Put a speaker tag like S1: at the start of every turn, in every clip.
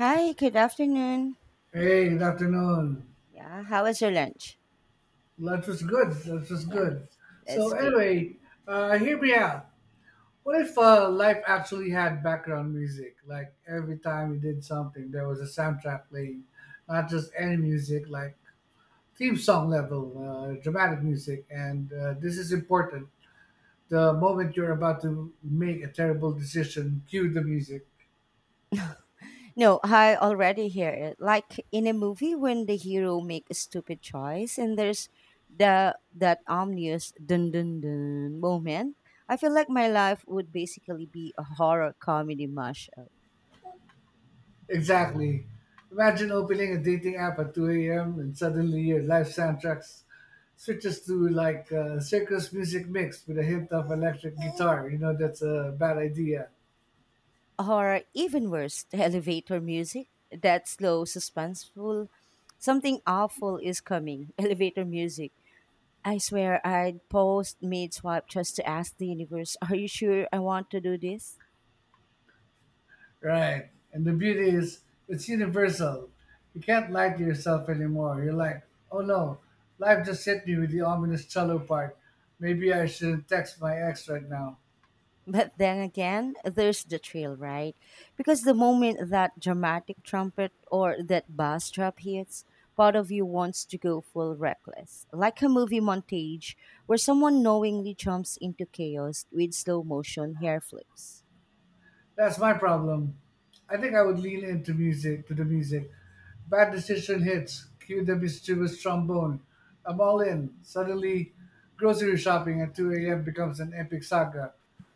S1: Hi, good afternoon.
S2: Hey, good afternoon.
S1: Yeah, how was your lunch?
S2: That was good. That was
S1: Yeah,
S2: good. So
S1: that's great.
S2: anyway, hear me out. What if life actually had background music? Like every time you did something, there was a soundtrack playing, not just any music, like theme song level, dramatic music. And this is important. The moment you're about to make a terrible decision, cue the music.
S1: No, I already hear it. Like in a movie when the hero make a stupid choice and there's the that ominous dun dun dun moment. I feel like my life would basically be a horror comedy mashup.
S2: Exactly. Imagine opening a dating app at 2 a.m. and suddenly your live soundtracks switches to like circus music mixed with a hint of electric guitar. You know, that's a bad idea.
S1: Or even worse, the elevator music. That slow, suspenseful. Something awful is coming. Elevator music. I swear I'd post mid swipe just to ask the universe, are you sure I want to do this?
S2: Right. And the beauty is, it's universal. You can't lie to yourself anymore. You're like, oh no, life just hit me with the ominous cello part. Maybe I shouldn't text my ex right now.
S1: But then again, there's the thrill, right? Because the moment that dramatic trumpet or that bass drop hits, part of you wants to go full reckless. Like a movie montage where someone knowingly jumps into chaos with slow motion hair flips.
S2: That's my problem. I think I would lean into music to the music. Bad decision hits. Cue the mischievous trombone. I'm all in. Suddenly, grocery shopping at 2 a.m. becomes an epic saga,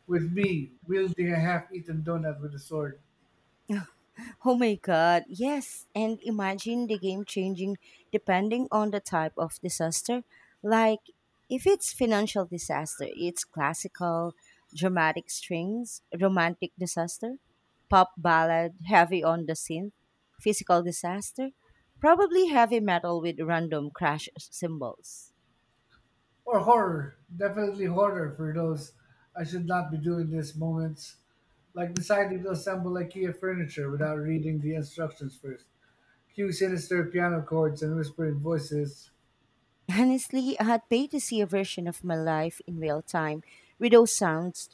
S2: with me wielding a half-eaten donut with a sword.
S1: Oh my god, yes. And imagine the game changing depending on the type of disaster. Like, if it's financial disaster, it's classical, dramatic strings, romantic disaster, pop ballad, heavy on the synth, physical disaster, probably heavy metal with random crash cymbals.
S2: Or horror. Definitely horror for those I should not be doing these moments. Like deciding to assemble IKEA furniture without reading the instructions first. Cue sinister piano chords and whispering voices.
S1: Honestly, I'd pay to see a version of my life in real time with those sounds.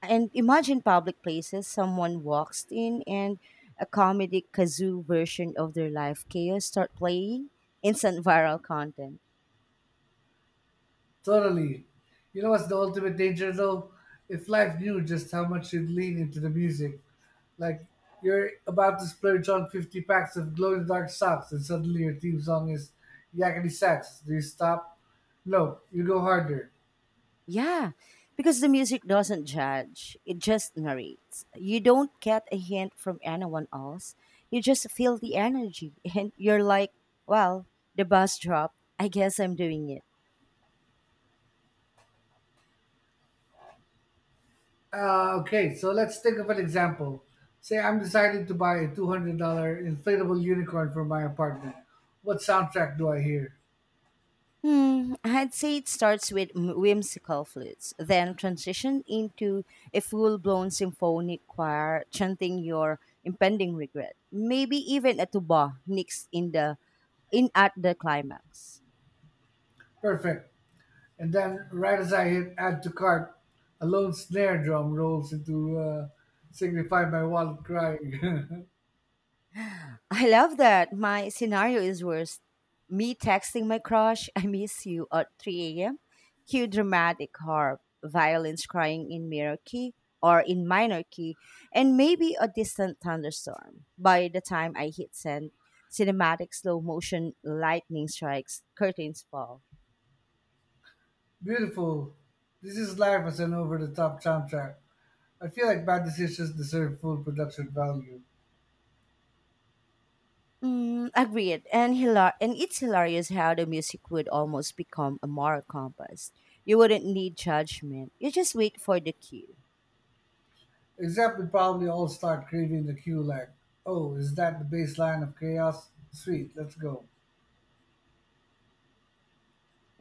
S1: And imagine public places, someone walks in and a comedy kazoo version of their life chaos start playing, instant viral content.
S2: Totally. You know what's the ultimate danger though? If life knew just how much you'd lean into the music, like you're about to splurge on 50 packs of glow in the dark socks and suddenly your theme song is Yakety Sax. Do you stop? No, you go harder.
S1: Yeah, because the music doesn't judge, it just narrates. You don't get a hint from anyone else. You just feel the energy and you're like, well, the bus dropped. I guess I'm doing it.
S2: Okay, so let's think of an example. Say I'm deciding to buy a $200 inflatable unicorn for my apartment. What soundtrack do I hear?
S1: Hmm, I'd say it starts with whimsical flutes, then transition into a full blown symphonic choir chanting your impending regret. Maybe even a tuba nicks in at the climax.
S2: Perfect. And then, right as I hit add to cart, a lone snare drum rolls into Signify My Wallet crying.
S1: I love that. My scenario is worse. Me texting my crush, I miss you at 3 a.m. Cue dramatic harp, violins crying in minor key or in minor key, and maybe a distant thunderstorm. By the time I hit send, cinematic slow motion lightning strikes, curtains fall.
S2: Beautiful. This is life as an over the top soundtrack. I feel like bad decisions deserve full production value.
S1: Mm, agreed. And it's hilarious how the music would almost become a moral compass. You wouldn't need judgment. You just wait for the cue.
S2: Except we probably all start craving the cue like, oh, is that the baseline of chaos? Sweet, let's go.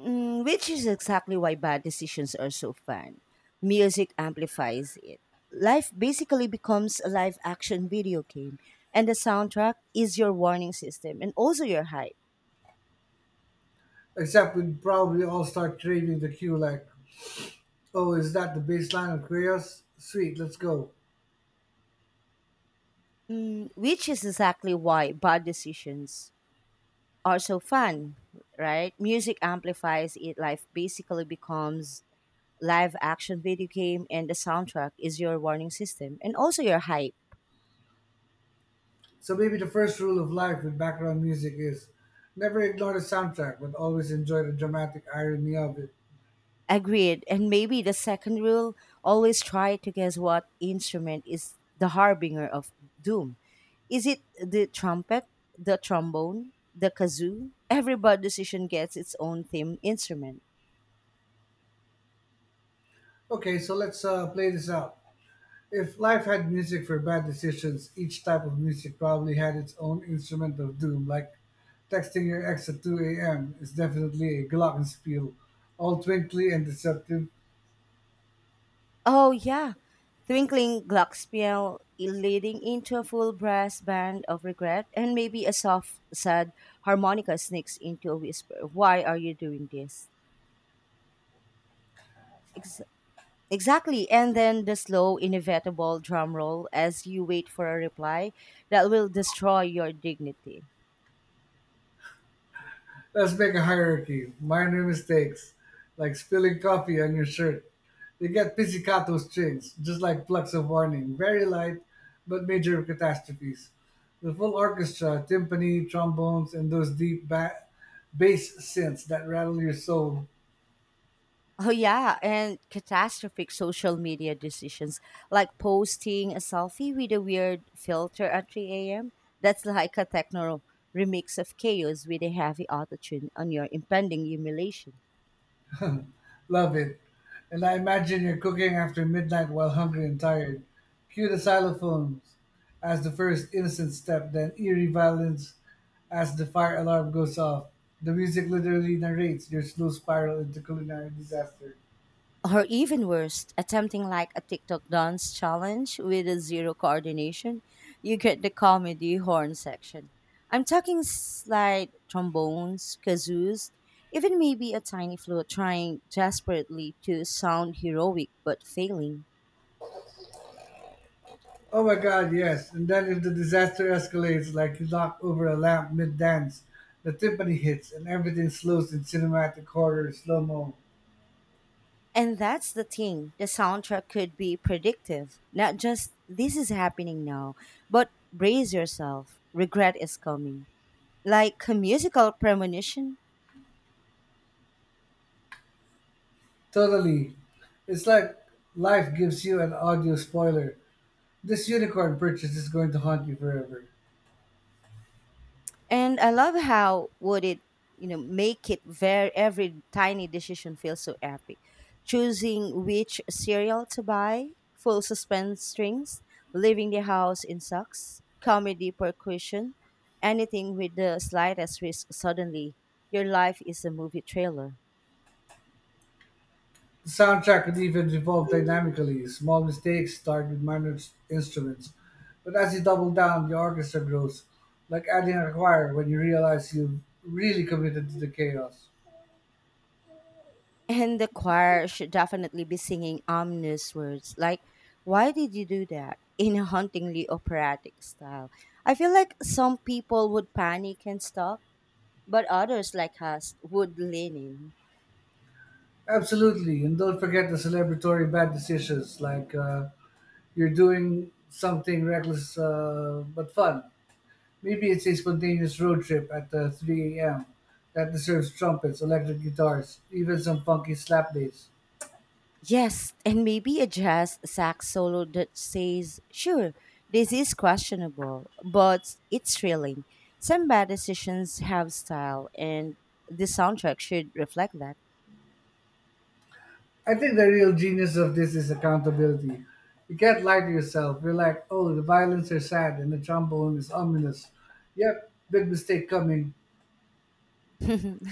S1: Mm, which is exactly why bad decisions are so fun. Music amplifies it. Life basically becomes a live action video game, and the soundtrack is your warning system and also your hype.
S2: Except we'd probably all start craving the cue like, oh, is that the baseline of chaos? Sweet, let's go.
S1: Mm, which is exactly why bad decisions are so fun, right? Music amplifies it. Life basically becomes live action video game, and the soundtrack is your warning system and also your hype.
S2: So maybe the first rule of life with background music is never ignore the soundtrack, but always enjoy the dramatic irony of it.
S1: Agreed. And maybe the second rule, always try to guess what instrument is the harbinger of doom. Is it the trumpet, the trombone, the kazoo? Every bad decision gets its own theme instrument.
S2: Okay, so let's play this out. If life had music for bad decisions, each type of music probably had its own instrument of doom, like texting your ex at 2 a.m. is definitely a glockenspiel, all twinkly and deceptive.
S1: Oh, yeah. Twinkling Glockspiel leading into a full brass band of regret, and maybe a soft, sad harmonica sneaks into a whisper. Why are you doing this? Exactly. And then the slow, inevitable drum roll as you wait for a reply that will destroy your dignity.
S2: Let's make a hierarchy. Minor mistakes, like spilling coffee on your shirt. They get pizzicato strings, just like plucks of warning. Very light, but major catastrophes. The full orchestra, timpani, trombones, and those deep bass synths that rattle your soul.
S1: Oh, yeah. And catastrophic social media decisions like posting a selfie with a weird filter at 3 a.m. That's like a techno remix of chaos with a heavy autotune on your impending humiliation.
S2: Love it. And I imagine you're cooking after midnight while hungry and tired. Cue the xylophones as the first innocent step, then eerie violins as the fire alarm goes off. The music literally narrates your slow spiral into culinary disaster.
S1: Or even worse, attempting like a TikTok dance challenge with a zero coordination, you get the comedy horn section. I'm talking slide trombones, kazoos, even maybe a tiny flute trying desperately to sound heroic but failing.
S2: Oh my god, yes. And then if the disaster escalates like you knock over a lamp mid dance, the timpani hits and everything slows in cinematic horror slow mo.
S1: And that's the thing, the soundtrack could be predictive. Not just this is happening now, but brace yourself, regret is coming. Like a musical premonition.
S2: Totally. It's like life gives you an audio spoiler. This unicorn purchase is going to haunt you forever.
S1: And I love how would it make it very every tiny decision feels so epic. Choosing which cereal to buy, full suspense strings, leaving the house in socks, comedy percussion, anything with the slightest risk. Suddenly, your life is a movie trailer.
S2: The soundtrack could even evolve dynamically. Small mistakes start with minor instruments, but as you double down, the orchestra grows, like adding a choir when you realize you've really committed to the chaos.
S1: And the choir should definitely be singing ominous words like, why did you do that? In a hauntingly operatic style. I feel like some people would panic and stop, but others like us would lean in.
S2: Absolutely, and don't forget the celebratory bad decisions, like you're doing something reckless but fun. Maybe it's a spontaneous road trip at 3 a.m. that deserves trumpets, electric guitars, even some funky slap bass.
S1: Yes, and maybe a jazz sax solo that says, sure, this is questionable, but it's thrilling. Some bad decisions have style, and the soundtrack should reflect that.
S2: I think the real genius of this is accountability. You can't lie to yourself. You're like, oh, the violins are sad and the trombone is ominous. Yep, big mistake coming.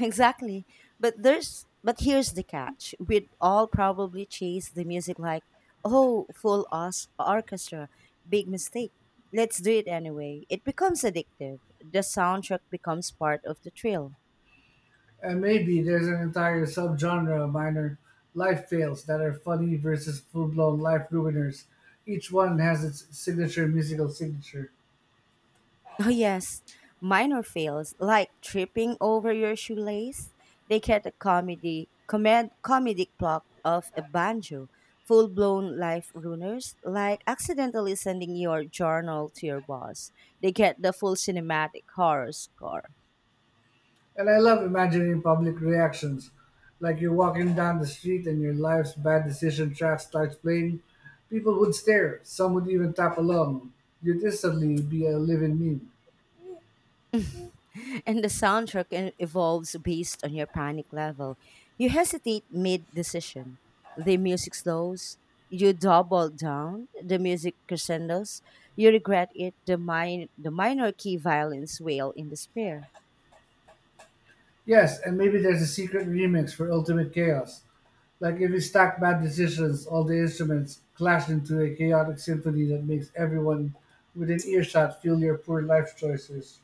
S1: Exactly. But here's the catch. We'd all probably chase the music like, oh, orchestra, big mistake. Let's do it anyway. It becomes addictive. The soundtrack becomes part of the thrill.
S2: And maybe there's an entire subgenre of minor life fails that are funny versus full blown life ruiners. Each one has its signature musical signature.
S1: Oh, yes, minor fails like tripping over your shoelace. They get a comedic plot of a banjo. Full blown life ruiners like accidentally sending your journal to your boss. They get the full cinematic horror score.
S2: And I love imagining public reactions. Like you're walking down the street and your life's bad decision track starts playing. People would stare, some would even tap along. You'd instantly be a living meme.
S1: And the soundtrack evolves based on your panic level. You hesitate mid decision. The music slows. You double down. The music crescendos. You regret it. The minor key violins wail in despair.
S2: Yes, and maybe there's a secret remix for Ultimate Chaos. Like if you stack bad decisions, all the instruments clash into a chaotic symphony that makes everyone within earshot feel your poor life choices.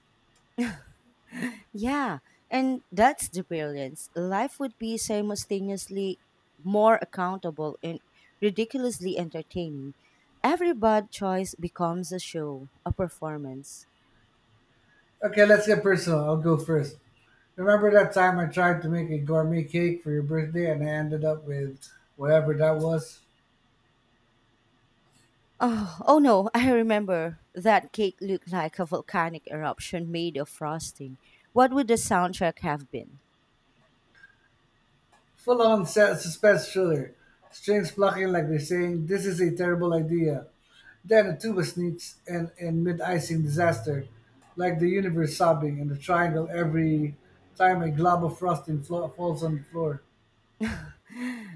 S1: Yeah, and that's the brilliance. Life would be simultaneously more accountable and ridiculously entertaining. Every bad choice becomes a show, a performance.
S2: Okay, let's get personal. I'll go first. Remember that time I tried to make a gourmet cake for your birthday and I ended up with whatever that was?
S1: Oh, oh no, I remember. That cake looked like a volcanic eruption made of frosting. What would the soundtrack have been?
S2: Full on suspense thriller. Strings plucking like they're saying, this is a terrible idea. Then a tuba sneaks in mid icing disaster, like the universe sobbing in a triangle every time a glob of frosting falls on the floor.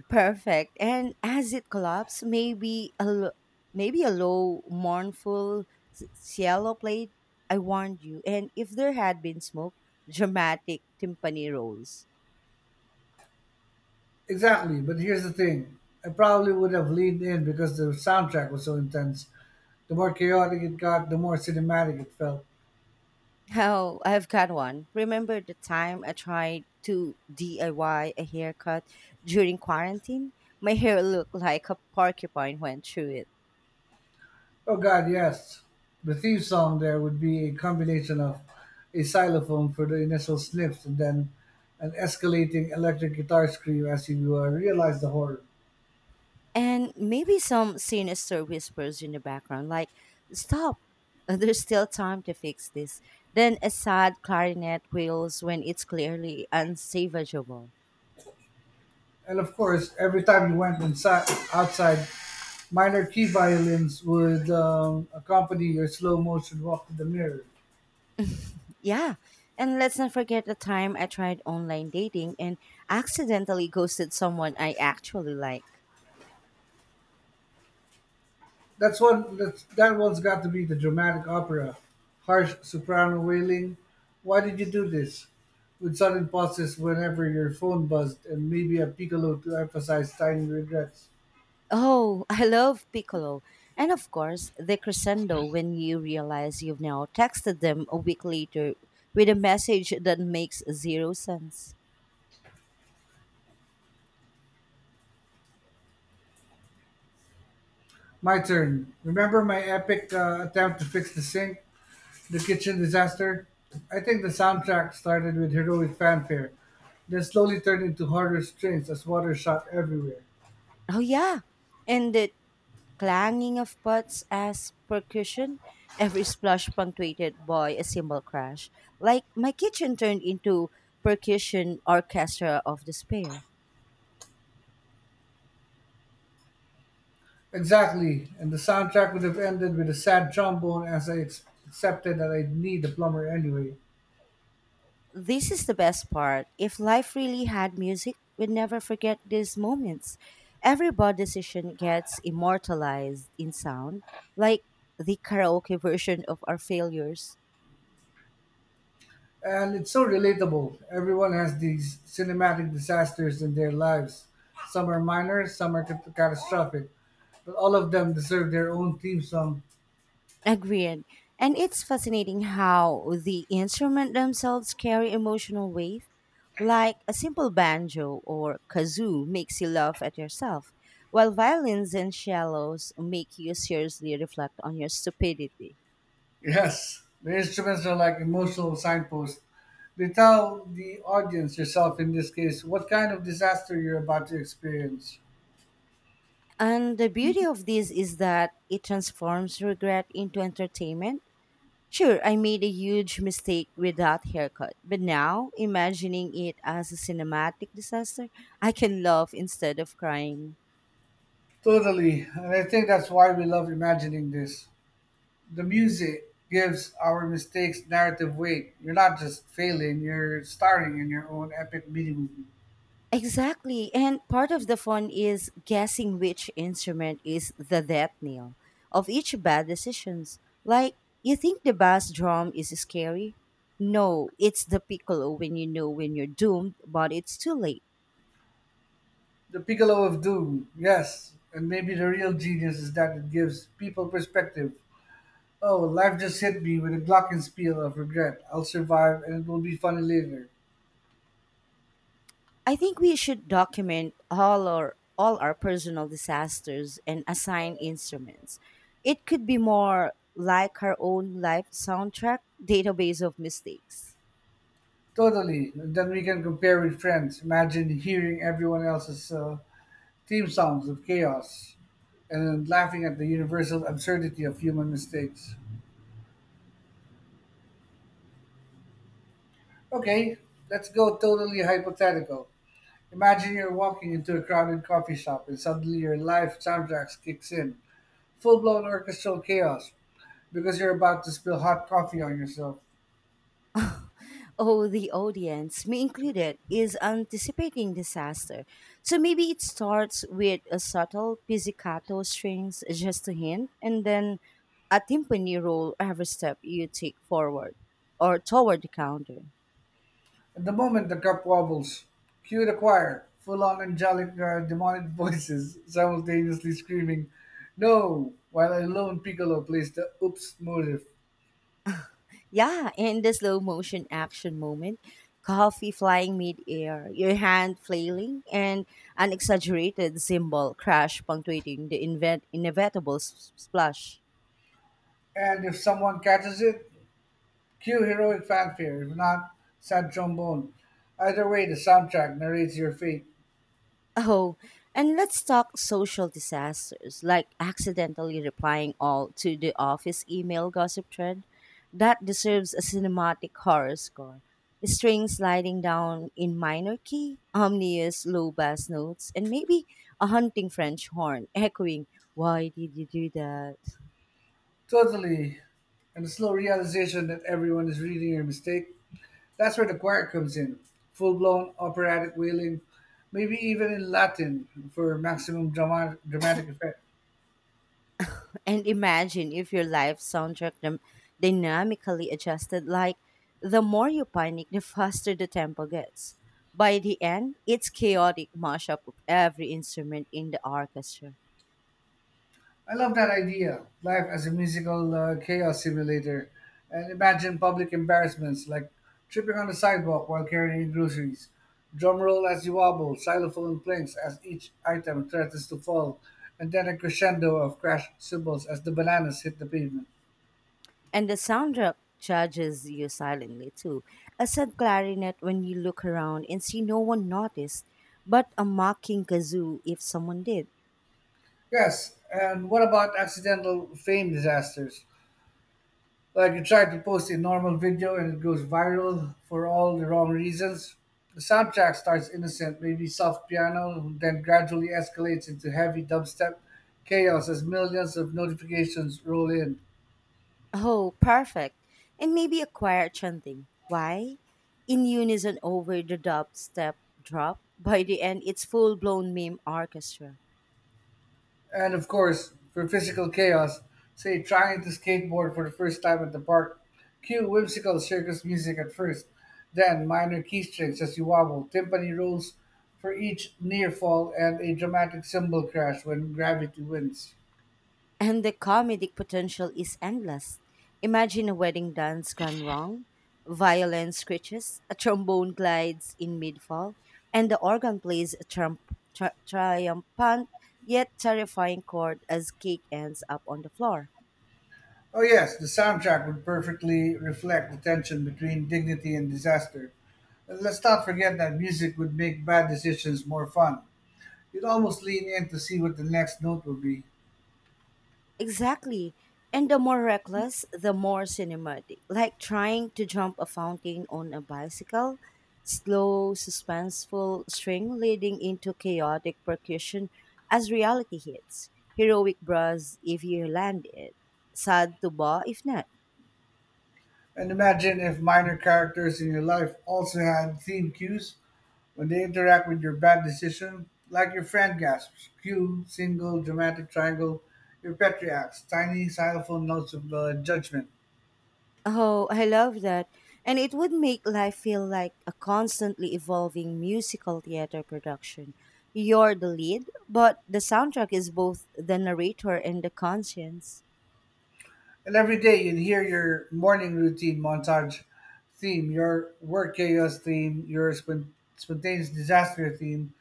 S1: Perfect. And as it collapsed, maybe a low, mournful cielo played. I warned you. And if there had been smoke, dramatic timpani rolls.
S2: Exactly, but here's the thing, I probably would have leaned in because the soundtrack was so intense. The more chaotic it got, the more cinematic it felt.
S1: Oh, I've got one. Remember the time I tried to DIY a haircut during quarantine? My hair looked like a porcupine went through it.
S2: Oh God, yes. The theme song there would be a combination of a xylophone for the initial sniffs and then an escalating electric guitar scream as you realize the horror.
S1: And maybe some sinister whispers in the background, like, stop, there's still time to fix this. Then a sad clarinet wails when it's clearly unsavageable.
S2: And of course, every time you went inside, outside, minor key violins would accompany your slow motion walk to the mirror.
S1: Yeah, and let's not forget the time I tried online dating and accidentally ghosted someone I actually like.
S2: That's one. That one's got to be the dramatic opera. Harsh soprano wailing. Why did you do this? With sudden pauses whenever your phone buzzed, and maybe a piccolo to emphasize tiny regrets.
S1: Oh, I love Piccolo. And of course, the crescendo when you realize you've now texted them a week later with a message that makes zero sense.
S2: My turn. Remember my epic attempt to fix the sink, the kitchen disaster. I think the soundtrack started with heroic fanfare, then slowly turned into horror strains as water shot everywhere.
S1: Oh, yeah. And the clanging of pots as percussion, every splash punctuated by a cymbal crash. Like my kitchen turned into percussion orchestra of despair.
S2: Exactly, and the soundtrack would have ended with a sad trombone as I accepted that I'd need a plumber anyway.
S1: This is the best part. If life really had music, we'd never forget these moments. Every bold decision gets immortalized in sound, like the karaoke version of our failures.
S2: And it's so relatable. Everyone has these cinematic disasters in their lives. Some are minor, some are catastrophic, but all of them deserve their own theme song.
S1: Agreed. And it's fascinating how the instrument themselves carry emotional weight, like a simple banjo or kazoo makes you laugh at yourself, while violins and cellos make you seriously reflect on your stupidity.
S2: Yes, the instruments are like emotional signposts. They tell the audience, yourself in this case, what kind of disaster you're about to experience.
S1: And the beauty of this is that it transforms regret into entertainment. Sure, I made a huge mistake with that haircut, but now, imagining it as a cinematic disaster, I can laugh instead of crying.
S2: Totally, and I think that's why we love imagining this. The music gives our mistakes narrative weight. You're not just failing, you're starting in your own epic mini movie.
S1: Exactly, and part of the fun is guessing which instrument is the death nail of each bad decisions. Like, you think the bass drum is scary? No, it's the piccolo when when you're doomed, but it's too late.
S2: The Piccolo of Doom, yes. And maybe the real genius is that it gives people perspective. Oh, life just hit me with a glockenspiel of regret. I'll survive and it will be funny later.
S1: I think we should document all our personal disasters and assign instruments. It could be more like our own life soundtrack database of mistakes.
S2: Totally. And then we can compare with friends. Imagine hearing everyone else's theme songs of chaos and laughing at the universal absurdity of human mistakes. Okay, let's go totally hypothetical. Imagine you're walking into a crowded coffee shop and suddenly your live soundtracks kicks in. Full blown orchestral chaos because you're about to spill hot coffee on yourself.
S1: Oh, the audience, me included, is anticipating disaster. So maybe it starts with a subtle pizzicato strings, just a hint, and then a timpani roll every step you take forward or toward the counter.
S2: At the moment the cup wobbles, cue the choir, full on angelic demonic voices simultaneously screaming, No! While a lone piccolo plays the oops motive.
S1: Yeah, in the slow motion action moment, coffee flying mid-air, your hand flailing, and an exaggerated symbol crash punctuating the inevitable splash.
S2: And if someone catches it, cue heroic fanfare, if not, sad trombone. Either way, the soundtrack narrates your fate.
S1: Oh, and let's talk social disasters, like accidentally replying all to the office email gossip thread. That deserves a cinematic horror score. String sliding down in minor key, ominous low bass notes, and maybe a hunting French horn echoing, why did you do that?
S2: Totally. And the slow realization that everyone is reading your mistake. That's where the choir comes in. Full blown operatic wailing, maybe even in Latin for maximum dramatic effect.
S1: And imagine if your live soundtrack dynamically adjusted like the more you panic, the faster the tempo gets. By the end, it's chaotic mashup of every instrument in the orchestra.
S2: I love that idea. Life as a musical chaos simulator. And imagine public embarrassments like tripping on the sidewalk while carrying groceries. Drum roll as you wobble, xylophone clinks as each item threatens to fall, and then a crescendo of crash cymbals as the bananas hit the pavement.
S1: And the soundtrack judges you silently too. A sad clarinet when you look around and see no one noticed, but a mocking kazoo if someone did.
S2: Yes, and what about accidental fame disasters? Like you try to post a normal video and it goes viral for all the wrong reasons. The soundtrack starts innocent, maybe soft piano, then gradually escalates into heavy dubstep chaos as millions of notifications roll in.
S1: Oh, perfect. And maybe a choir chanting. Why? In unison over the dubstep drop. By the end, it's full blown meme orchestra.
S2: And of course, for physical chaos, say trying to skateboard for the first time at the park, cue whimsical circus music at first, then minor key strings as you wobble, timpani rolls for each near fall, and a dramatic cymbal crash when gravity wins.
S1: And the comedic potential is endless. Imagine a wedding dance gone wrong, violin screeches, a trombone glides in mid fall, and the organ plays a triumphant yet terrifying chord as cake ends up on the floor.
S2: Oh yes, the soundtrack would perfectly reflect the tension between dignity and disaster. And let's not forget that music would make bad decisions more fun. You'd almost lean in to see what the next note would be.
S1: Exactly. And the more reckless, the more cinematic. Like trying to jump a fountain on a bicycle, slow, suspenseful string leading into chaotic percussion as reality hits. Heroic bras if you land it. Sad to ba if not.
S2: And imagine if minor characters in your life also had theme cues when they interact with your bad decision, like your friend gasps, cue, single, dramatic triangle, your pet reacts, tiny xylophone notes of judgment.
S1: Oh, I love that. And it would make life feel like a constantly evolving musical theater production. You're the lead, but the soundtrack is both the narrator and the conscience.
S2: And every day you'll hear your morning routine montage theme, your work chaos theme, your spontaneous disaster theme.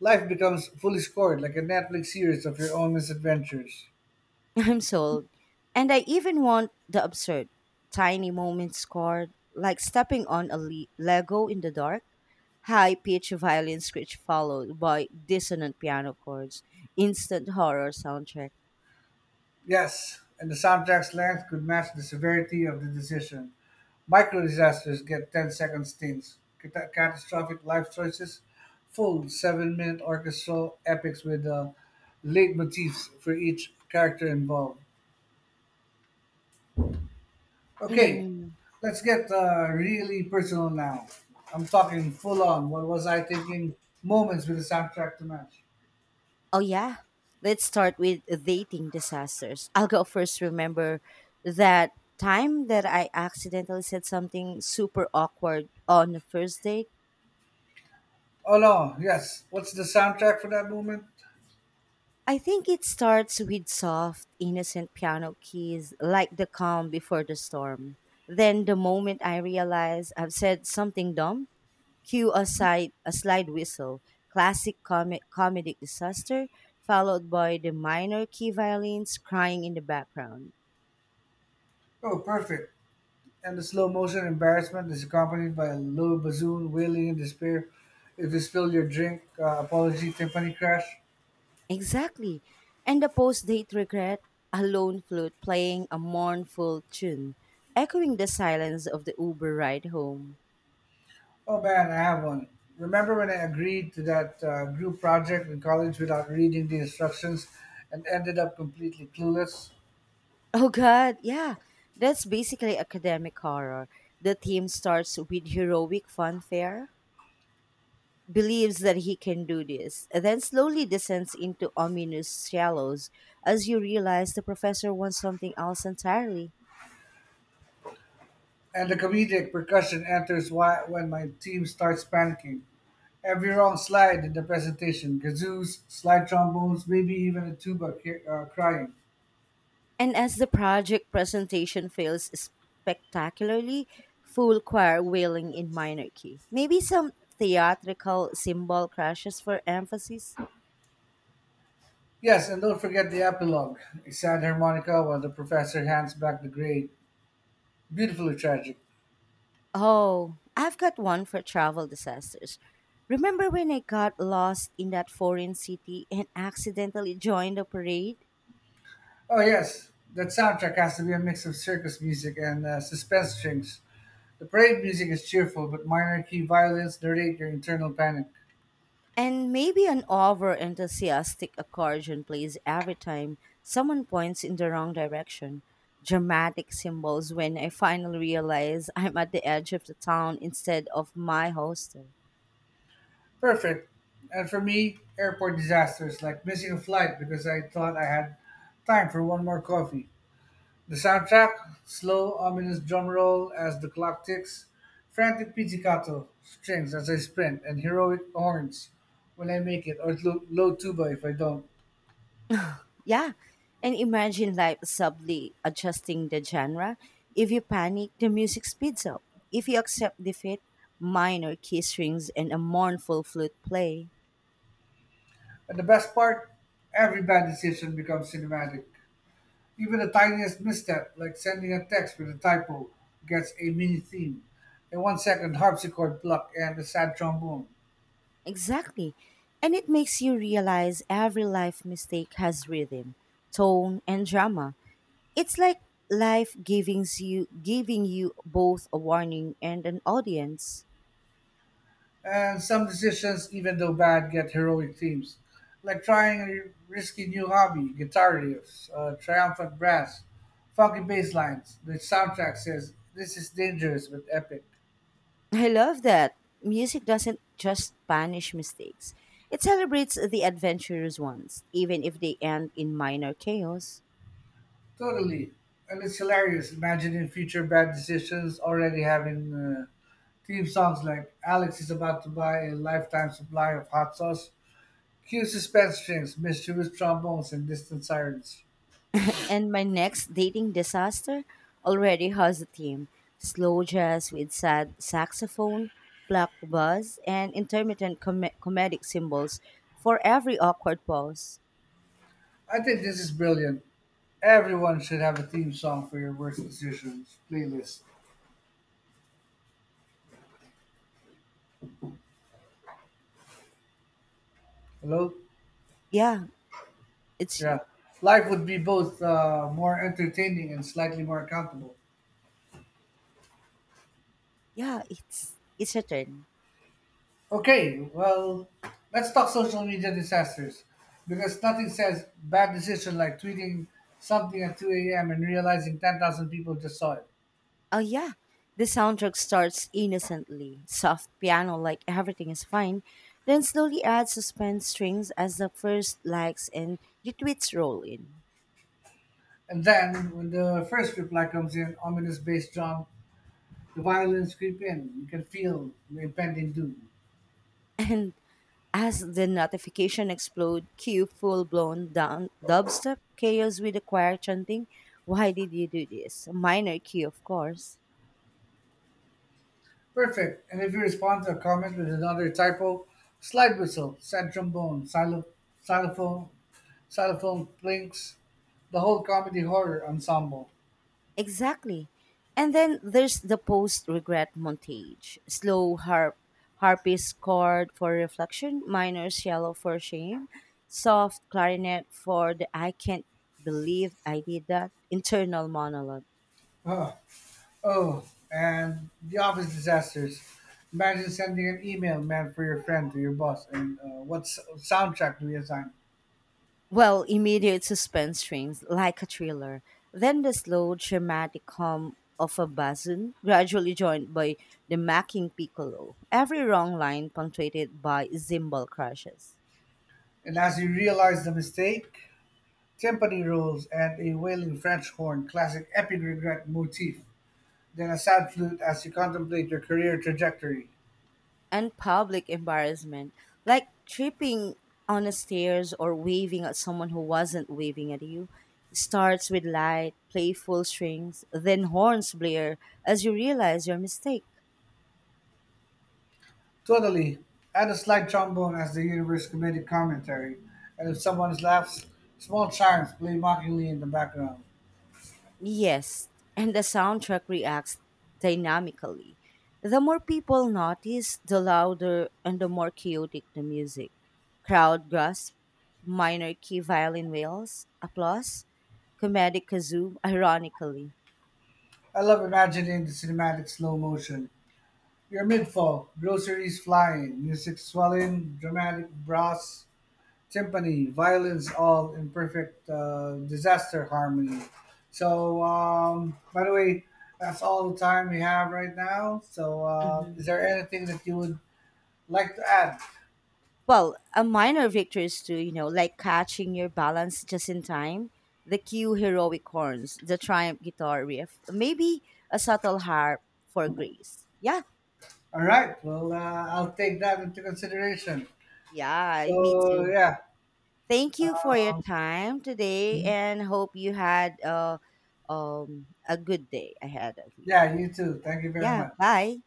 S2: Life becomes fully scored, like a Netflix series of your own misadventures.
S1: I'm sold. And I even want the absurd, tiny moments card, like stepping on a Lego in the dark, high pitched violin screech followed by dissonant piano chords, instant horror soundtrack.
S2: Yes, and the soundtrack's length could match the severity of the decision. Micro disasters get ten-second stints. Catastrophic life choices, full 7-minute orchestral epics with late motifs for each character involved. Okay,
S1: Mm.
S2: let's get really personal now. I'm talking full on. What was I thinking? Moments with the soundtrack to match.
S1: Oh, yeah. Let's start with dating disasters. I'll go first. Remember that time that I accidentally said something super awkward on the first date?
S2: Oh no, yes. What's the soundtrack for that moment?
S1: I think it starts with soft, innocent piano keys, like the calm before the storm. Then, the moment I realize I've said something dumb, cue a slide whistle, classic comedic disaster, followed by the minor key violins crying in the background.
S2: Oh, perfect. And the slow motion embarrassment is accompanied by a low bassoon wailing in despair. If you spill your drink, apology timpani crash.
S1: Exactly. And the post date regret, a lone flute playing a mournful tune, echoing the silence of the Uber ride home.
S2: Oh man, I have one. Remember when I agreed to that group project in college without reading the instructions and ended up completely clueless?
S1: Oh god, yeah. That's basically academic horror. The team starts with heroic fanfare, believes that he can do this, and then slowly descends into ominous shallows as you realize the professor wants something else entirely.
S2: And the comedic percussion enters when my team starts panicking. Every wrong slide in the presentation, kazoos, slide trombones, maybe even a tuba crying.
S1: And as the project presentation fails spectacularly, full choir wailing in minor key. Maybe some theatrical cymbal crashes for emphasis.
S2: Yes, and don't forget the epilogue, a sad harmonica while the professor hands back the grade. Beautifully tragic.
S1: Oh, I've got one for travel disasters. Remember when I got lost in that foreign city and accidentally joined a parade?
S2: Oh, yes, that soundtrack has to be a mix of circus music and suspense strings. The parade music is cheerful, but minor key violins narrate your internal panic.
S1: And maybe an over enthusiastic accordion plays every time someone points in the wrong direction. Dramatic symbols when I finally realize I'm at the edge of the town instead of my hostel.
S2: Perfect. And for me, airport disasters like missing a flight because I thought I had time for one more coffee. The soundtrack, slow, ominous drum roll as the clock ticks, frantic pizzicato strings as I sprint, and heroic horns when I make it, or low, low tuba if I don't.
S1: Yeah. And imagine life subtly adjusting the genre. If you panic, the music speeds up. If you accept defeat, minor key strings and a mournful flute play.
S2: And the best part, every bad decision becomes cinematic. Even the tiniest misstep, like sending a text with a typo, gets a mini theme, a 1 second harpsichord pluck, and a sad trombone.
S1: Exactly. And it makes you realize every life mistake has rhythm, tone, and drama. It's like life giving you both a warning and an audience.
S2: And some decisions, even though bad, get heroic themes, like trying a risky new hobby, guitar riffs, triumphant brass, funky bass lines. The soundtrack says, "This is dangerous but epic."
S1: I love that. Music doesn't just punish mistakes, it celebrates the adventurous ones, even if they end in minor chaos.
S2: Totally. And it's hilarious imagining future bad decisions already having theme songs like Alex is about to buy a lifetime supply of hot sauce, cue suspense strings, mysterious trombones, and distant sirens.
S1: And my next dating disaster already has a theme, slow jazz with sad saxophone, plucked buzz, and intermittent comedic symbols for every awkward pause.
S2: I think this is brilliant. Everyone should have a theme song for your worst decisions playlist. Hello?
S1: Yeah, it's
S2: Yeah.
S1: you.
S2: Life would be both more entertaining and slightly more accountable.
S1: Yeah, it's your turn.
S2: Okay, well, let's talk social media disasters. Because nothing says bad decision like tweeting something at 2 a.m. and realizing 10,000 people just saw it.
S1: Oh yeah, the soundtrack starts innocently, soft piano like everything is fine, then slowly adds suspense strings as the first likes and retweets roll in.
S2: And then, when the first reply comes in, ominous bass drum, the violins creep in. You can feel the impending doom.
S1: And as the notification explode, cue full-blown down dubstep chaos with the choir chanting, "Why did you do this?" Minor key, of course.
S2: Perfect. And if you respond to a comment with another typo, slide whistle, sad trombone, xylophone, xylophone plinks, the whole comedy horror ensemble.
S1: Exactly. And then there's the post regret montage. Slow harpist chord for reflection, minor cello for shame, soft clarinet for the I can't believe I did that internal monologue.
S2: Oh, oh, and the office disasters. Imagine sending an email meant for your friend to your boss, and what soundtrack do we assign?
S1: Well, immediate suspense strings like a thriller. Then the slow dramatic hum of a bassoon, gradually joined by the macking piccolo. Every wrong line punctuated by cymbal crashes.
S2: And as you realize the mistake, timpani rolls and a wailing French horn, classic epic regret motif. Then a sad flute as you contemplate your career trajectory.
S1: And public embarrassment, like tripping on the stairs or waving at someone who wasn't waving at you. It starts with light, playful strings, then horns blare as you realize your mistake.
S2: Totally. Add a slight trombone as the universe comedic commentary, and if someone laughs, small chimes play mockingly in the background.
S1: Yes, and the soundtrack reacts dynamically. The more people notice, the louder and the more chaotic the music. Crowd gasp, minor key violin wails, applause, comedic kazoo, ironically.
S2: I love imagining the cinematic slow motion. You're mid fall, groceries flying, music swelling, dramatic brass, timpani, violins all in perfect disaster harmony. So, by the way, that's all the time we have right now. So, is
S1: Mhm.
S2: there anything that you would like to add?
S1: Well, a minor victory is to like catching your balance just in time, the cue heroic horns, the triumph guitar riff, maybe a subtle harp for grace. Yeah,
S2: All right. Well, I'll take that into consideration.
S1: yeah, me
S2: So,
S1: too.
S2: yeah.
S1: Thank you for your time today, and hope you had a good day ahead of you.
S2: Yeah, you too. Thank you very
S1: Yeah,
S2: much.
S1: bye.